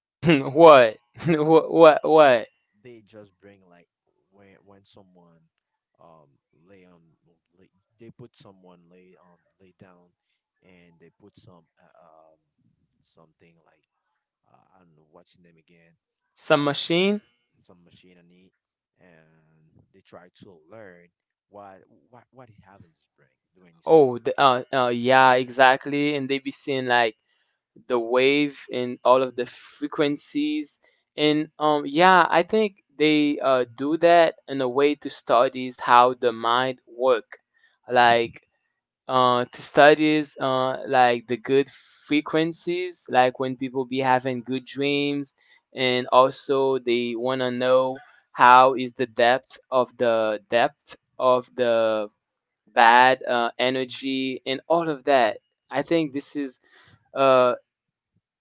Speaker 1: What? What? What? What?
Speaker 2: They just bring like when when someone um lay on well, lay, they put someone lay on lay down and they put some uh, um something like uh, and watching them again,
Speaker 1: Some
Speaker 2: um,
Speaker 1: machine?
Speaker 2: some machine on it, and they try to learn what what what he have in his brain during his sleep.
Speaker 1: Oh, the, uh, uh, yeah, exactly. And they be seeing like the wave and all of the frequencies. And um, yeah, I think they uh, do that in a way to studies how the mind work, like uh, to studies uh, like the good frequencies, like when people be having good dreams, and also they wanna know how is the depth of the depth of the bad uh, energy, and all of that. I think this is a,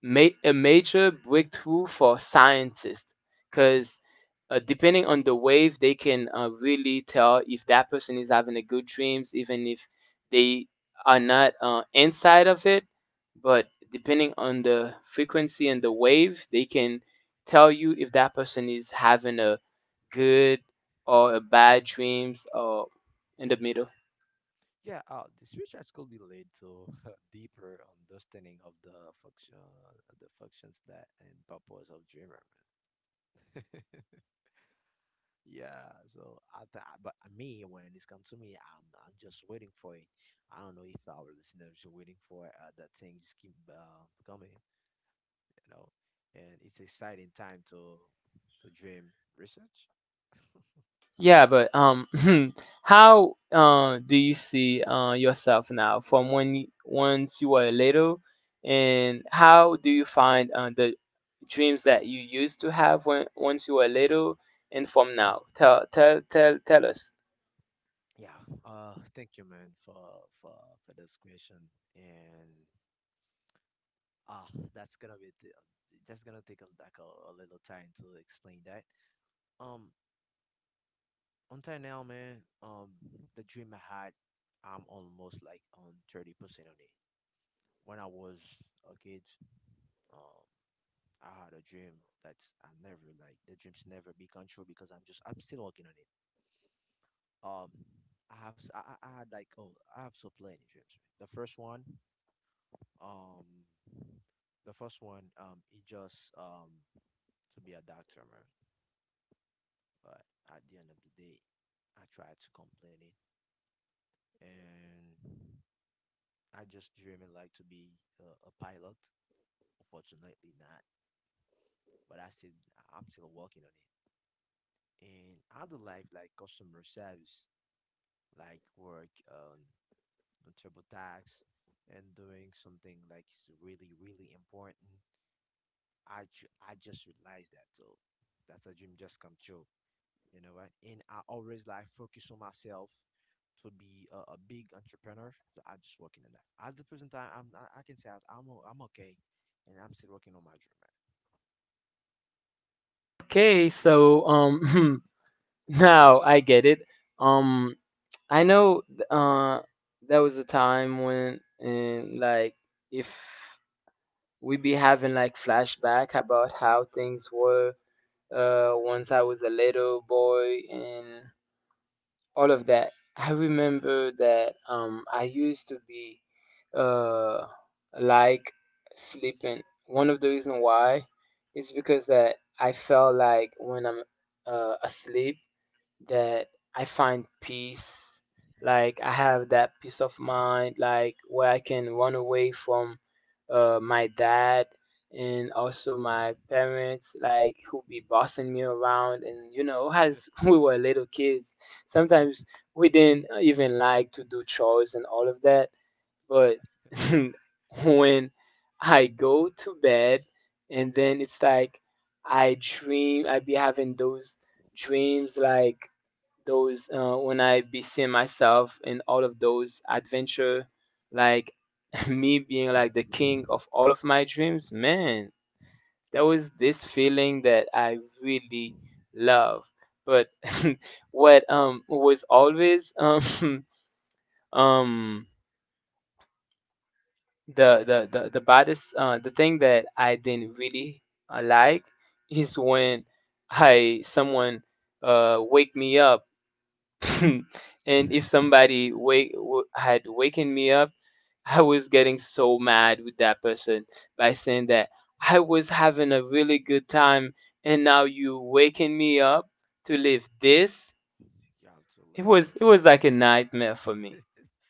Speaker 1: ma- a major breakthrough for scientists, because uh, depending on the wave, they can uh, really tell if that person is having a good dreams, even if they are not uh, inside of it. But depending on the frequency and the wave, they can tell you if that person is having a good or a bad dreams or in the middle.
Speaker 2: Yeah, uh, this research could be led to deeper understanding of the function, of the functions that and purpose of dreamer, man. yeah, so I, th- I- but me when it's come to me, I'm I'm just waiting for it. I don't know if our listeners are waiting for uh, that thing just keep uh, coming. You know, and it's exciting time to to dream research.
Speaker 1: Yeah, but um, how uh, do you see uh, yourself now from when you- once you were little, and how do you find uh, the dreams that you used to have when once you were little and from now? Tell tell tell tell us.
Speaker 2: Yeah. Uh, thank you, man, for for for this question. And ah, that's gonna be t- just gonna take a, like a, a little time to explain that. Um, Until now, man, um, the dream I had, I'm almost like on thirty percent on it. When I was a kid, um, I had a dream that I never like the dreams never become true because I'm just I'm still working on it. Um, I have s- I, I I had like oh I have so plenty dreams. Right? The first one, um, the first one, um, it just um to be a doctor, man. But at the end of the day, I tried to complete it and. I just dream like to be a, a pilot. Unfortunately, not. But I still, I'm still working on it. And I do like like customer service, like work um, on the TurboTax and doing something like is really really important. I ju- I just realized that so that's a dream just come true. You know, right? And I always like focus on myself to be a, a big entrepreneur. So I'm just working on that. At the present time, I'm I, I can say I- I'm o- I'm okay, and I'm still working on my dream, man.
Speaker 1: Okay, so um, now I get it. Um, I know th- uh, there was a time when, and like if we be having like flashback about how things were uh, once I was a little boy and all of that. I remember that um, I used to be uh, like sleeping. One of the reason why is because that I felt like when I'm uh, asleep, that I find peace. Like I have that peace of mind, like where I can run away from uh, my dad and also my parents, like who be bossing me around. And you know, as we were little kids, sometimes we didn't even like to do chores and all of that. But when I go to bed, and then it's like I dream, I be having those dreams like those uh, when I be seeing myself in all of those adventure, like me being like the king of all of my dreams, man, there
Speaker 2: Okay,
Speaker 1: was this feeling that I really love. But what um was always um um the the the, the baddest uh, the thing that I didn't really uh, like is when I someone uh wake me up and if somebody wake, w- had wakened me up, I was getting so mad with that person, by saying that I was having a really good time and now you waking me up to live this.
Speaker 2: you have to
Speaker 1: It
Speaker 2: live in
Speaker 1: was
Speaker 2: it.
Speaker 1: it was
Speaker 2: That's
Speaker 1: like
Speaker 2: your
Speaker 1: a
Speaker 2: dream.
Speaker 1: nightmare for me.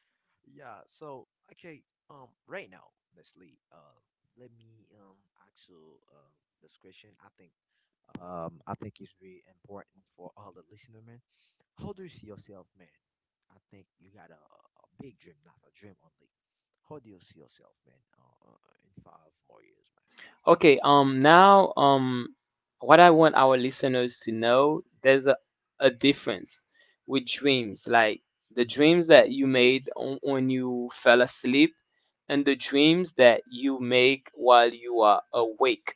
Speaker 2: yeah. So okay, um, right now, honestly, uh, let me um ask you uh, this question. I think um, I think it's really important for all the listener, man. How do you see yourself, man? I think you got a, a big dream, not a dream only. How do you see yourself, man, uh, uh, in five more years,
Speaker 1: Okay, um now um what I want our listeners to know, there's a, a difference with dreams, like the dreams that you made on, when you fell asleep, and the dreams that you make while you are awake.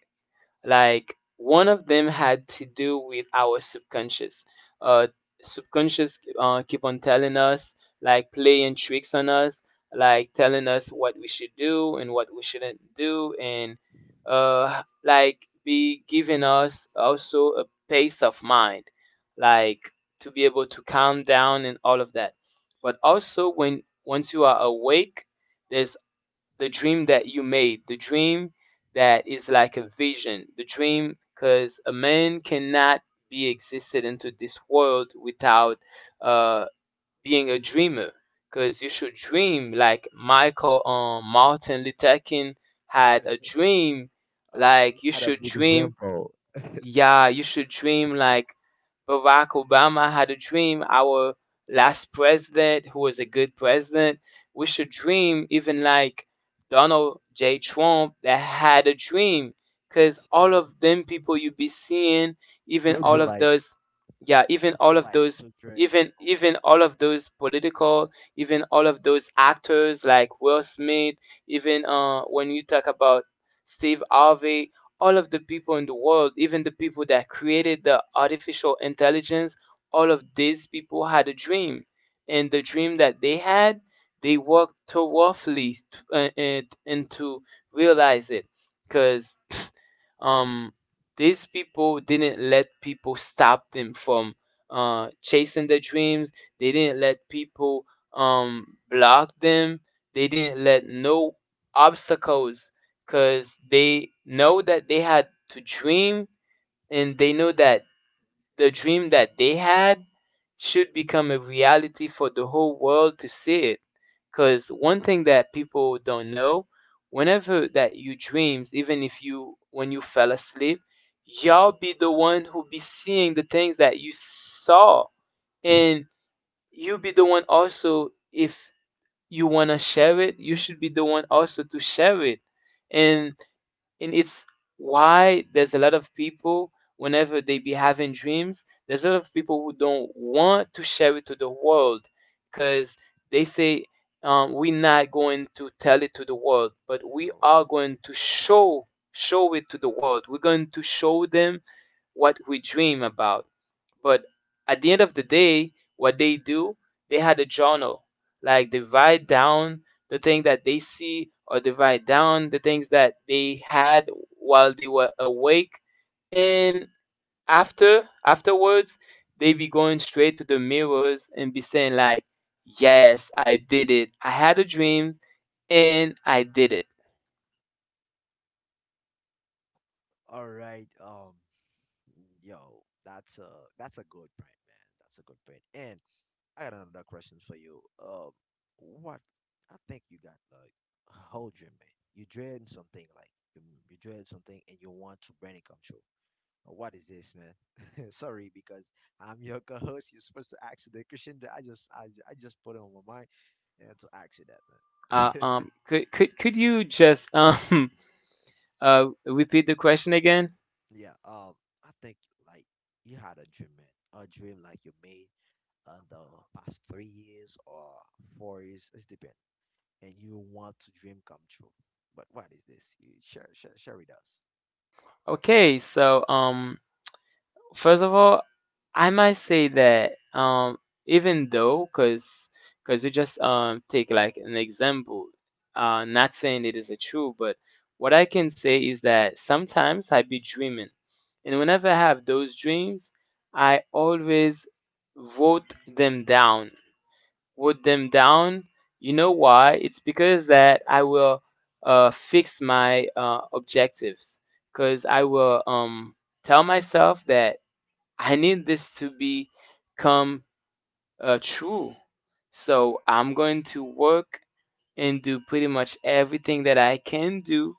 Speaker 1: Like one of them had to do with our subconscious. Uh, Subconscious uh, keep on telling us, like playing tricks on us, like telling us what we should do and what we shouldn't do, and uh, like be giving us also a pace of mind, like to be able to calm down and all of that. But also when once you are awake, there's the dream that you made, the dream that is like a vision, the dream, because a man cannot be existed into this world without uh, being a dreamer. Because you should dream like Michael um, Martin Luther King had
Speaker 2: man?
Speaker 1: a dream.
Speaker 2: Uh, you
Speaker 1: Like you
Speaker 2: got a
Speaker 1: should
Speaker 2: big
Speaker 1: dream,
Speaker 2: example.
Speaker 1: yeah, you should dream like Barack Obama had a dream. Our last president, who was a good president, we should dream even like Donald J. Trump that had a dream. Because all of them people you be seeing, even
Speaker 2: Would
Speaker 1: all
Speaker 2: you
Speaker 1: of
Speaker 2: like?
Speaker 1: those, yeah, even
Speaker 2: Would you
Speaker 1: all of
Speaker 2: like
Speaker 1: those,
Speaker 2: to dream? with-
Speaker 1: even even all of those political, even all of those actors like Will Smith, even uh, when you talk about Steve Harvey, all of the people in the world, even the people that created the artificial intelligence, all of these people had a dream. And the dream that they had, they worked too roughly t- uh, uh, and to realize it. Because um these people didn't let people stop them from uh chasing their dreams, they didn't let people um block them, they didn't let no obstacles, because they know that they had to dream, and they know that the dream that they had should become a reality for the whole world to see it. Because one thing that people don't know, whenever that you dreams, even if you when you fell asleep,
Speaker 2: Mhm.
Speaker 1: y'all be the one who be seeing the things that you saw,
Speaker 2: Mhm.
Speaker 1: and you be the one also, if you wanna share it, you should be the one also to share it,
Speaker 2: Yeah.
Speaker 1: and and it's why there's a lot of people, whenever they be having dreams, there's a lot of people who don't want to share it to the world, because they say, um, "We're not going to tell it to the world, but we
Speaker 2: No.
Speaker 1: are going to show show it to the world. We're going to show them what we dream about." But at the end of the day, what they do, they had a journal. Like they write down the thing that they see, or they write down the things that they had while they were awake. And after afterwards, they be going straight to the mirrors and be saying like, "Yes, I did it. I had a dream and I did it."
Speaker 2: All right. Um. Mm, Yo, that's a that's a good point, man. That's a good point. And I got another question for you. Um, what I think you got like a whole dream, man. You dream something like you, you dream something and you want to bring it come true. Uh, What is this, man? Sorry, because I'm your co-host. You're supposed to ask the question that I just I, ju- I just put it on my mind and to ask you that,
Speaker 1: Uh,
Speaker 2: man.
Speaker 1: um, could could could you just um uh repeat the question again?
Speaker 2: Yeah, um, I think like you had a dream, man. A dream like you made in the past three years or four years, it's depend, and you want to dream come true. But what is this? You share, share, share with us.
Speaker 1: Okay, so um, first of all, I might say that um, even though, cause, cause we just um take like an example, uh, not saying it is a true, but what I can say is that sometimes I be dreaming, and whenever I have those dreams, I always vote them down with them down. You know why? It's because that I will uh, fix my uh, objectives. Because I will um, tell myself that I need this to become uh, true. So I'm going to work and do pretty much everything that I can do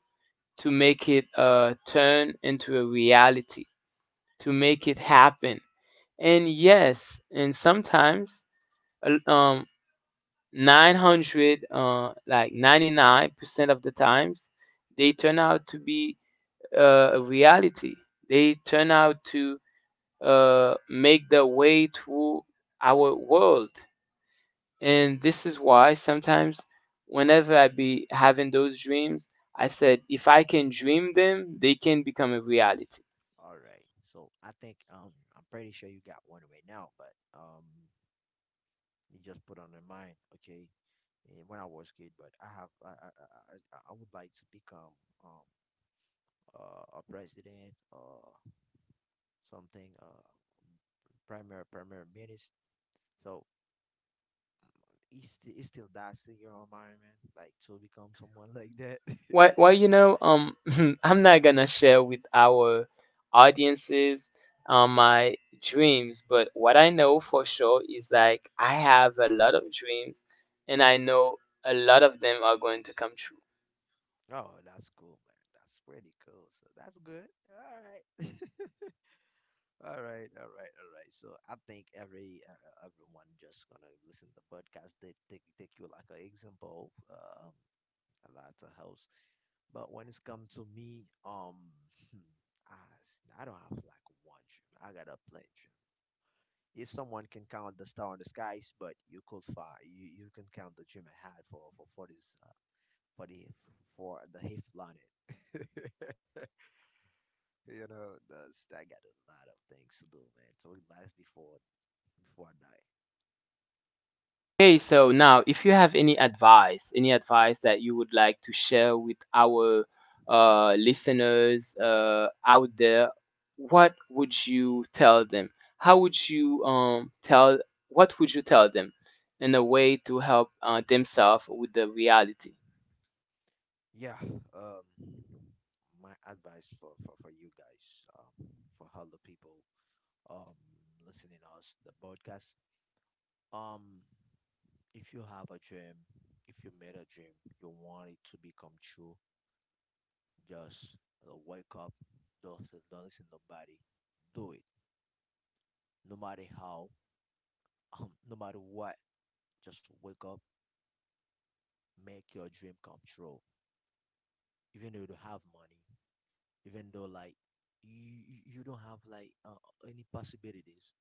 Speaker 1: to make it uh, turn into a reality, to make it happen. And yes, and sometimes a- um, 900 uh, like ninety-nine percent of the times they turn out to be uh, a reality, they turn out to uh, make their way through our world. And this is why sometimes, whenever I be having those dreams, I said if I can dream them, they can become a reality.
Speaker 2: All right. So I think um I'm pretty sure you got one right now, but um you just put on your mind, okay? eh, when I was kid, but I have I I, I, I I would like to become um uh, a president or something uh primary primary minister. So it's still, it's still that's in your environment, like to become someone like that.
Speaker 1: Well, well, you know, um, I'm not gonna share with our audiences um, my dreams, but what I know for sure is like I have a lot of dreams, and I know a lot of them are going to come true.
Speaker 2: oh, that's cool, man. That's pretty cool. So that's good. All right. All right, all right, all right. So I think every uh, everyone just gonna listen to the podcast. They take take you like an example, um, a lot of house. But when it's come to me, um, hmm, I s- I don't have like one dream. I got a plenty. If someone can count the star in the skies, but you could find you, you can count the dream I had for for for this uh, for the for the hip planet. you know, that's, I got a lot of things to do, man. So it lasts before before I die.
Speaker 1: Okay, so now if you have any advice, any advice that you would like to share with our uh, listeners uh, out there, what would you tell them? How would you um, tell, what would you tell them in a way to help uh, themselves with the reality?
Speaker 2: Yeah. Um, my advice for for for you guys, um, for all the people um listening us the podcast, um, if you have a dream, if you made a dream, you want it to become true. Just uh, wake up, just uh, don't listen to nobody. Do it, no matter how, um, no matter what. Just wake up, make your dream come true. Even though you don't have money, even though like you you you don't have like uh, any possibilities,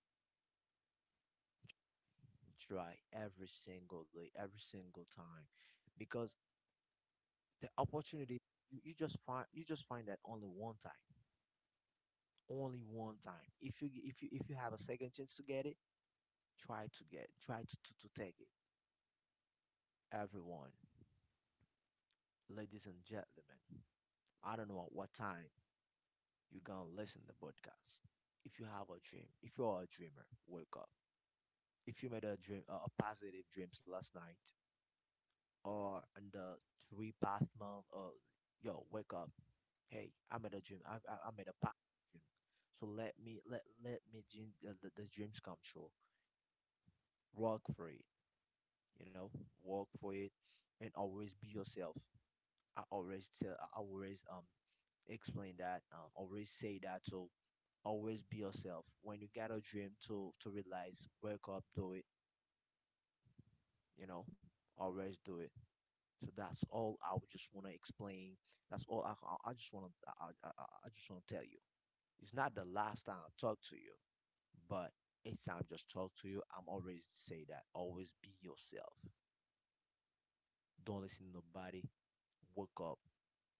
Speaker 2: try every single day, every single time, because the opportunity you, you just find you just find that only one time, only one time. If you if you if you have a second chance to get it, try to get try to to, to take it, everyone, ladies and gentlemen. I don't know at what time you're gonna listen to the podcast. If you have a dream, if you are a dreamer, wake up. If you made a dream, uh, a positive dreams last night, or in the three past month, uh, yo, wake up. Hey, I made a dream. I I, I made a positive dream. So let me let let me dream, uh, the, the dreams come true. Work for it, you know. Work for it, and always be yourself. I always tell. I always um explain that. Um, always say that. So always be yourself. When you got a dream to to realize, wake up, do it. You know, always do it. So that's all I would just want to explain. That's all I I- just want to I, I, I I just want to tell you. It's not the last time I talk to you, but each time I just talk to you, I'm always say that. Always be yourself. Don't listen to nobody. Wake up.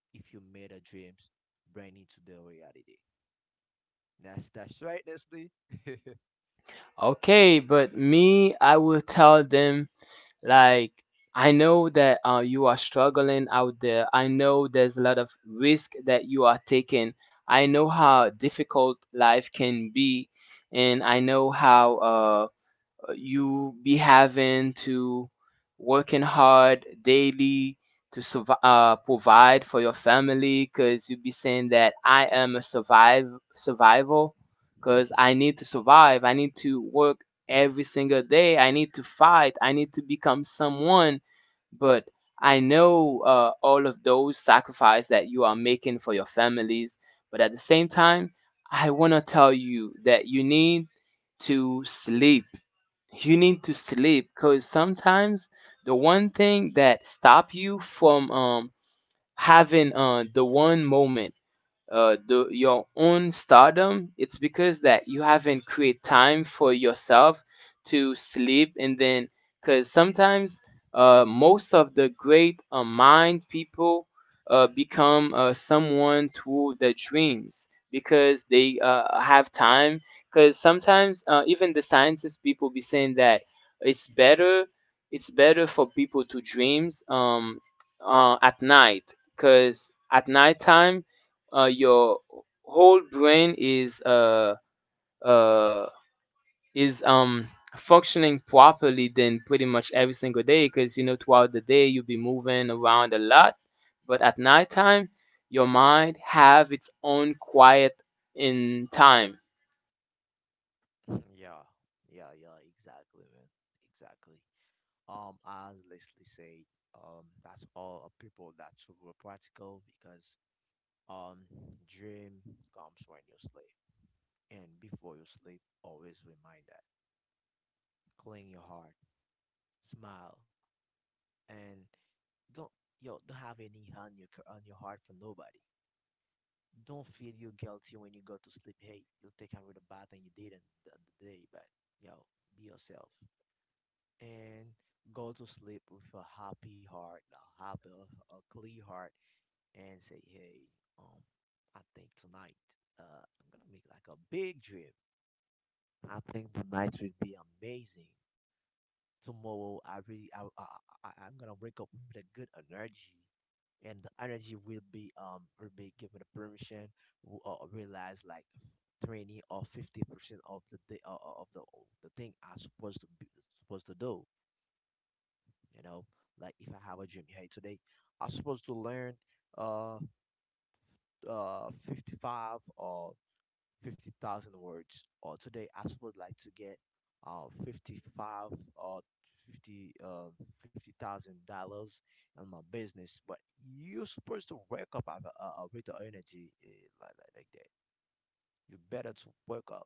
Speaker 2: If you made a dreams, bring it to the reality. That's that's right, Leslie.
Speaker 1: Okay, but me, I will tell them. Like, I know that uh, you are struggling out there. I know there's a lot of risk that you are taking. I know how difficult life can be, and I know how uh, uh, you be having to working hard daily to survive, uh, provide for your family because you be saying that I am a survive survival because I need to survive. I need to work every single day. I need to fight. I need to become someone. But I know uh, all of those sacrifices that you are making for your families. But at the same time, I want to tell you that you need to sleep, you need to sleep because sometimes the one thing that stop you from um, having uh, the one moment, uh, the, your own stardom, it's because that you haven't create time for yourself to sleep, and then because sometimes uh, most of the great uh, mind people uh, become uh, someone through the dreams because they uh, have time. Because sometimes uh, even the scientists people be saying that it's better it's better for people to dreams um, uh, at night because at nighttime uh, your whole brain is uh, uh, is um functioning properly then pretty much every single day because you know throughout the day you'll be moving around a lot, but at nighttime your mind have its own quiet in time.
Speaker 2: Yeah, yeah, yeah, exactly, man. Exactly. Um, as Leslie said, um, that's all of people that's super practical because um, dream comes when you sleep, and before you sleep, always remind that clean your heart, smile, and don't, yo, don't have any hand your on your heart for nobody. Don't feel you guilty when you go to sleep. Hey, you take out with the bad thing you did not the, the day, but yo, be yourself, and go to sleep with a happy heart, a happy, a clear heart, and say, "Hey, um, I think tonight, uh, I'm gonna make like a big dream. I think the night will be amazing. Tomorrow, I really, I, I, I, I'm gonna wake up with a good energy." And the energy will be um will be given the permission w- uh, realize like twenty or fifty percent of the day uh, uh, of the the thing I'm supposed to be supposed to do. You know, like if I have a dream, hey, today I'm supposed to learn uh uh fifty-five or fifty thousand words, or today I'm supposed like to get uh fifty-five or fifty uh fifty thousand dollars in my business. But you're supposed to wake up with, uh, uh, with the energy uh, like, like like that. You better to wake up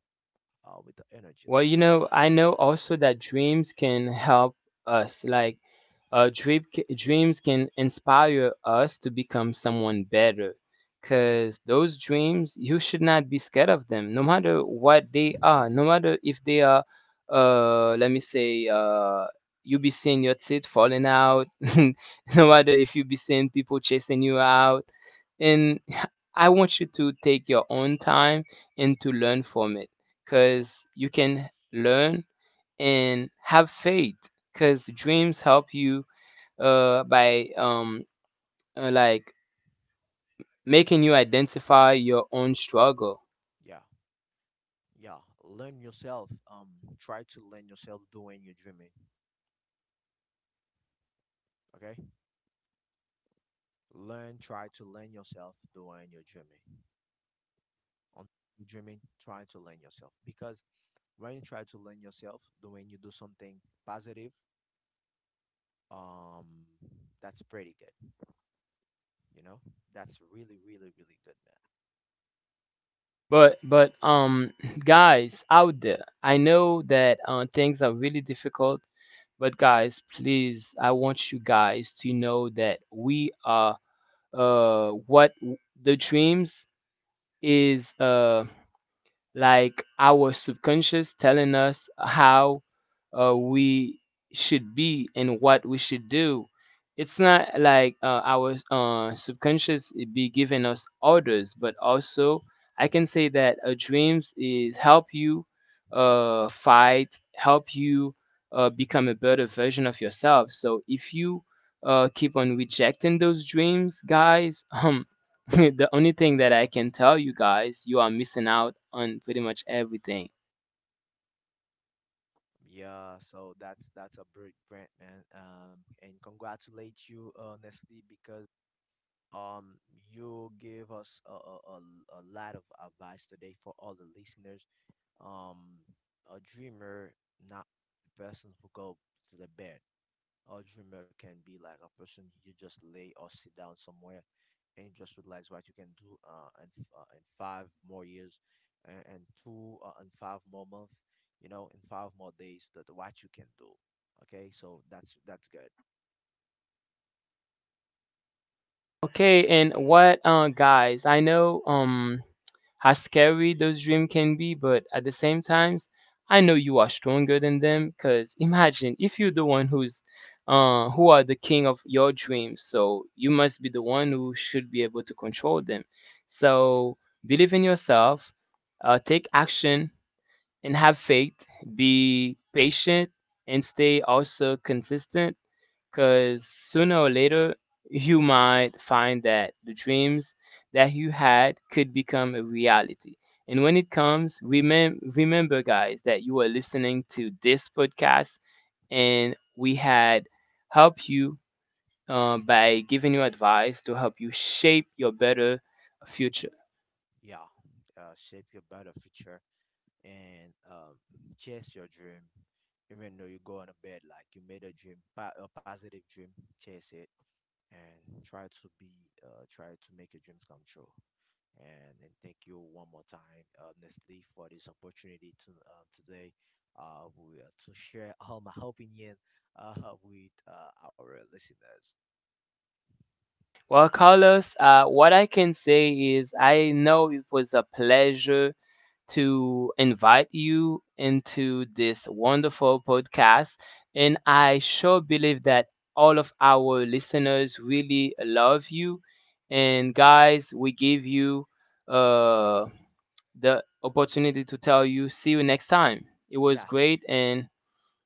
Speaker 2: uh, with the energy like
Speaker 1: Well, you
Speaker 2: that.
Speaker 1: know, I know also that dreams can help us like uh, dream, dreams can inspire us to become someone better
Speaker 2: Yeah,
Speaker 1: because those dreams you should not be scared of them, no matter what they are, no matter if they are, uh, let me say, uh, you be seeing your teeth falling out no matter if you be seeing people chasing you out, and I want you to take your own time and to learn from it
Speaker 2: yeah,
Speaker 1: because you can learn and have faith because dreams help you, uh, by um, uh, like, making you identify your own struggle.
Speaker 2: yeah, yeah. Learn yourself. Um, try to learn yourself doing your dreaming. Okay, learn. Try to learn yourself the way you're dreaming. On dreaming, try to learn yourself, because when you try to learn yourself, the when you do something positive, um, that's pretty good. You know, that's really, really, really good, man.
Speaker 1: But but um, guys out there, I know that uh, things are really difficult. But guys, please, I want you guys to know that we are, uh, what the dreams is. Uh, like our subconscious telling us how uh, we should be and what we should do. It's not like uh, our uh, subconscious be giving us orders, but also I can say that uh, dreams is help you uh, fight, help you uh, become a better version of yourself. So if you uh, keep on rejecting those dreams, guys, the only thing that I can tell you guys, you are missing out on pretty much everything.
Speaker 2: Yeah, so that's that's a big brand, man. Um, and congratulate you honestly because um you give us a, a, a, a lot of advice today for all the listeners. Um, a dreamer, not the person who go to the bed. A dreamer can be like a person you just lay or sit down somewhere and you just realize what you can do uh, in, f- uh, in five more years, and, and two uh, and five more months, you know, in five more days, that what you can do. Okay, so that's that's good.
Speaker 1: Okay, and what uh guys, I know um how scary those dreams can be, but at the same time, I know you are stronger than them cuz imagine if you're the one who's uh who are the king of your dreams, so you must be the one who should be able to control them. So, believe in yourself, uh take action and have faith, be patient, and stay also consistent because sooner or later, you might find that the dreams that you had could become a reality. And when it comes, remem- remember, guys, that you are listening to this podcast and we had helped you, uh, by giving you advice to help you shape your better future.
Speaker 2: Yeah, uh, shape your better future and um, chase your dream. Even though you go on a bed like you made a dream, pa- a positive dream, chase it and try to be, uh, try to make your dreams come true. And and thank you one more time, uh, Nestle, for this opportunity to uh, today, uh, we, uh, to share all my opinion, uh, with uh, our listeners.
Speaker 1: Well, Carlos, uh, what I can say is I know it was a pleasure to invite you into this wonderful podcast. And I sure believe that all of our listeners really love you. And guys, we give you uh, the opportunity to tell you, see you next time. It was
Speaker 2: Yes.
Speaker 1: great. And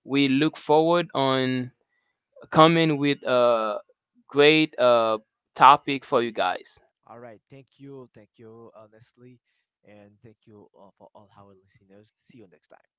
Speaker 1: we look forward on coming with a great uh, topic for you guys.
Speaker 2: All right. Thank you. Thank you, uh, Nestle, and thank you uh, for all our listeners. See you next time.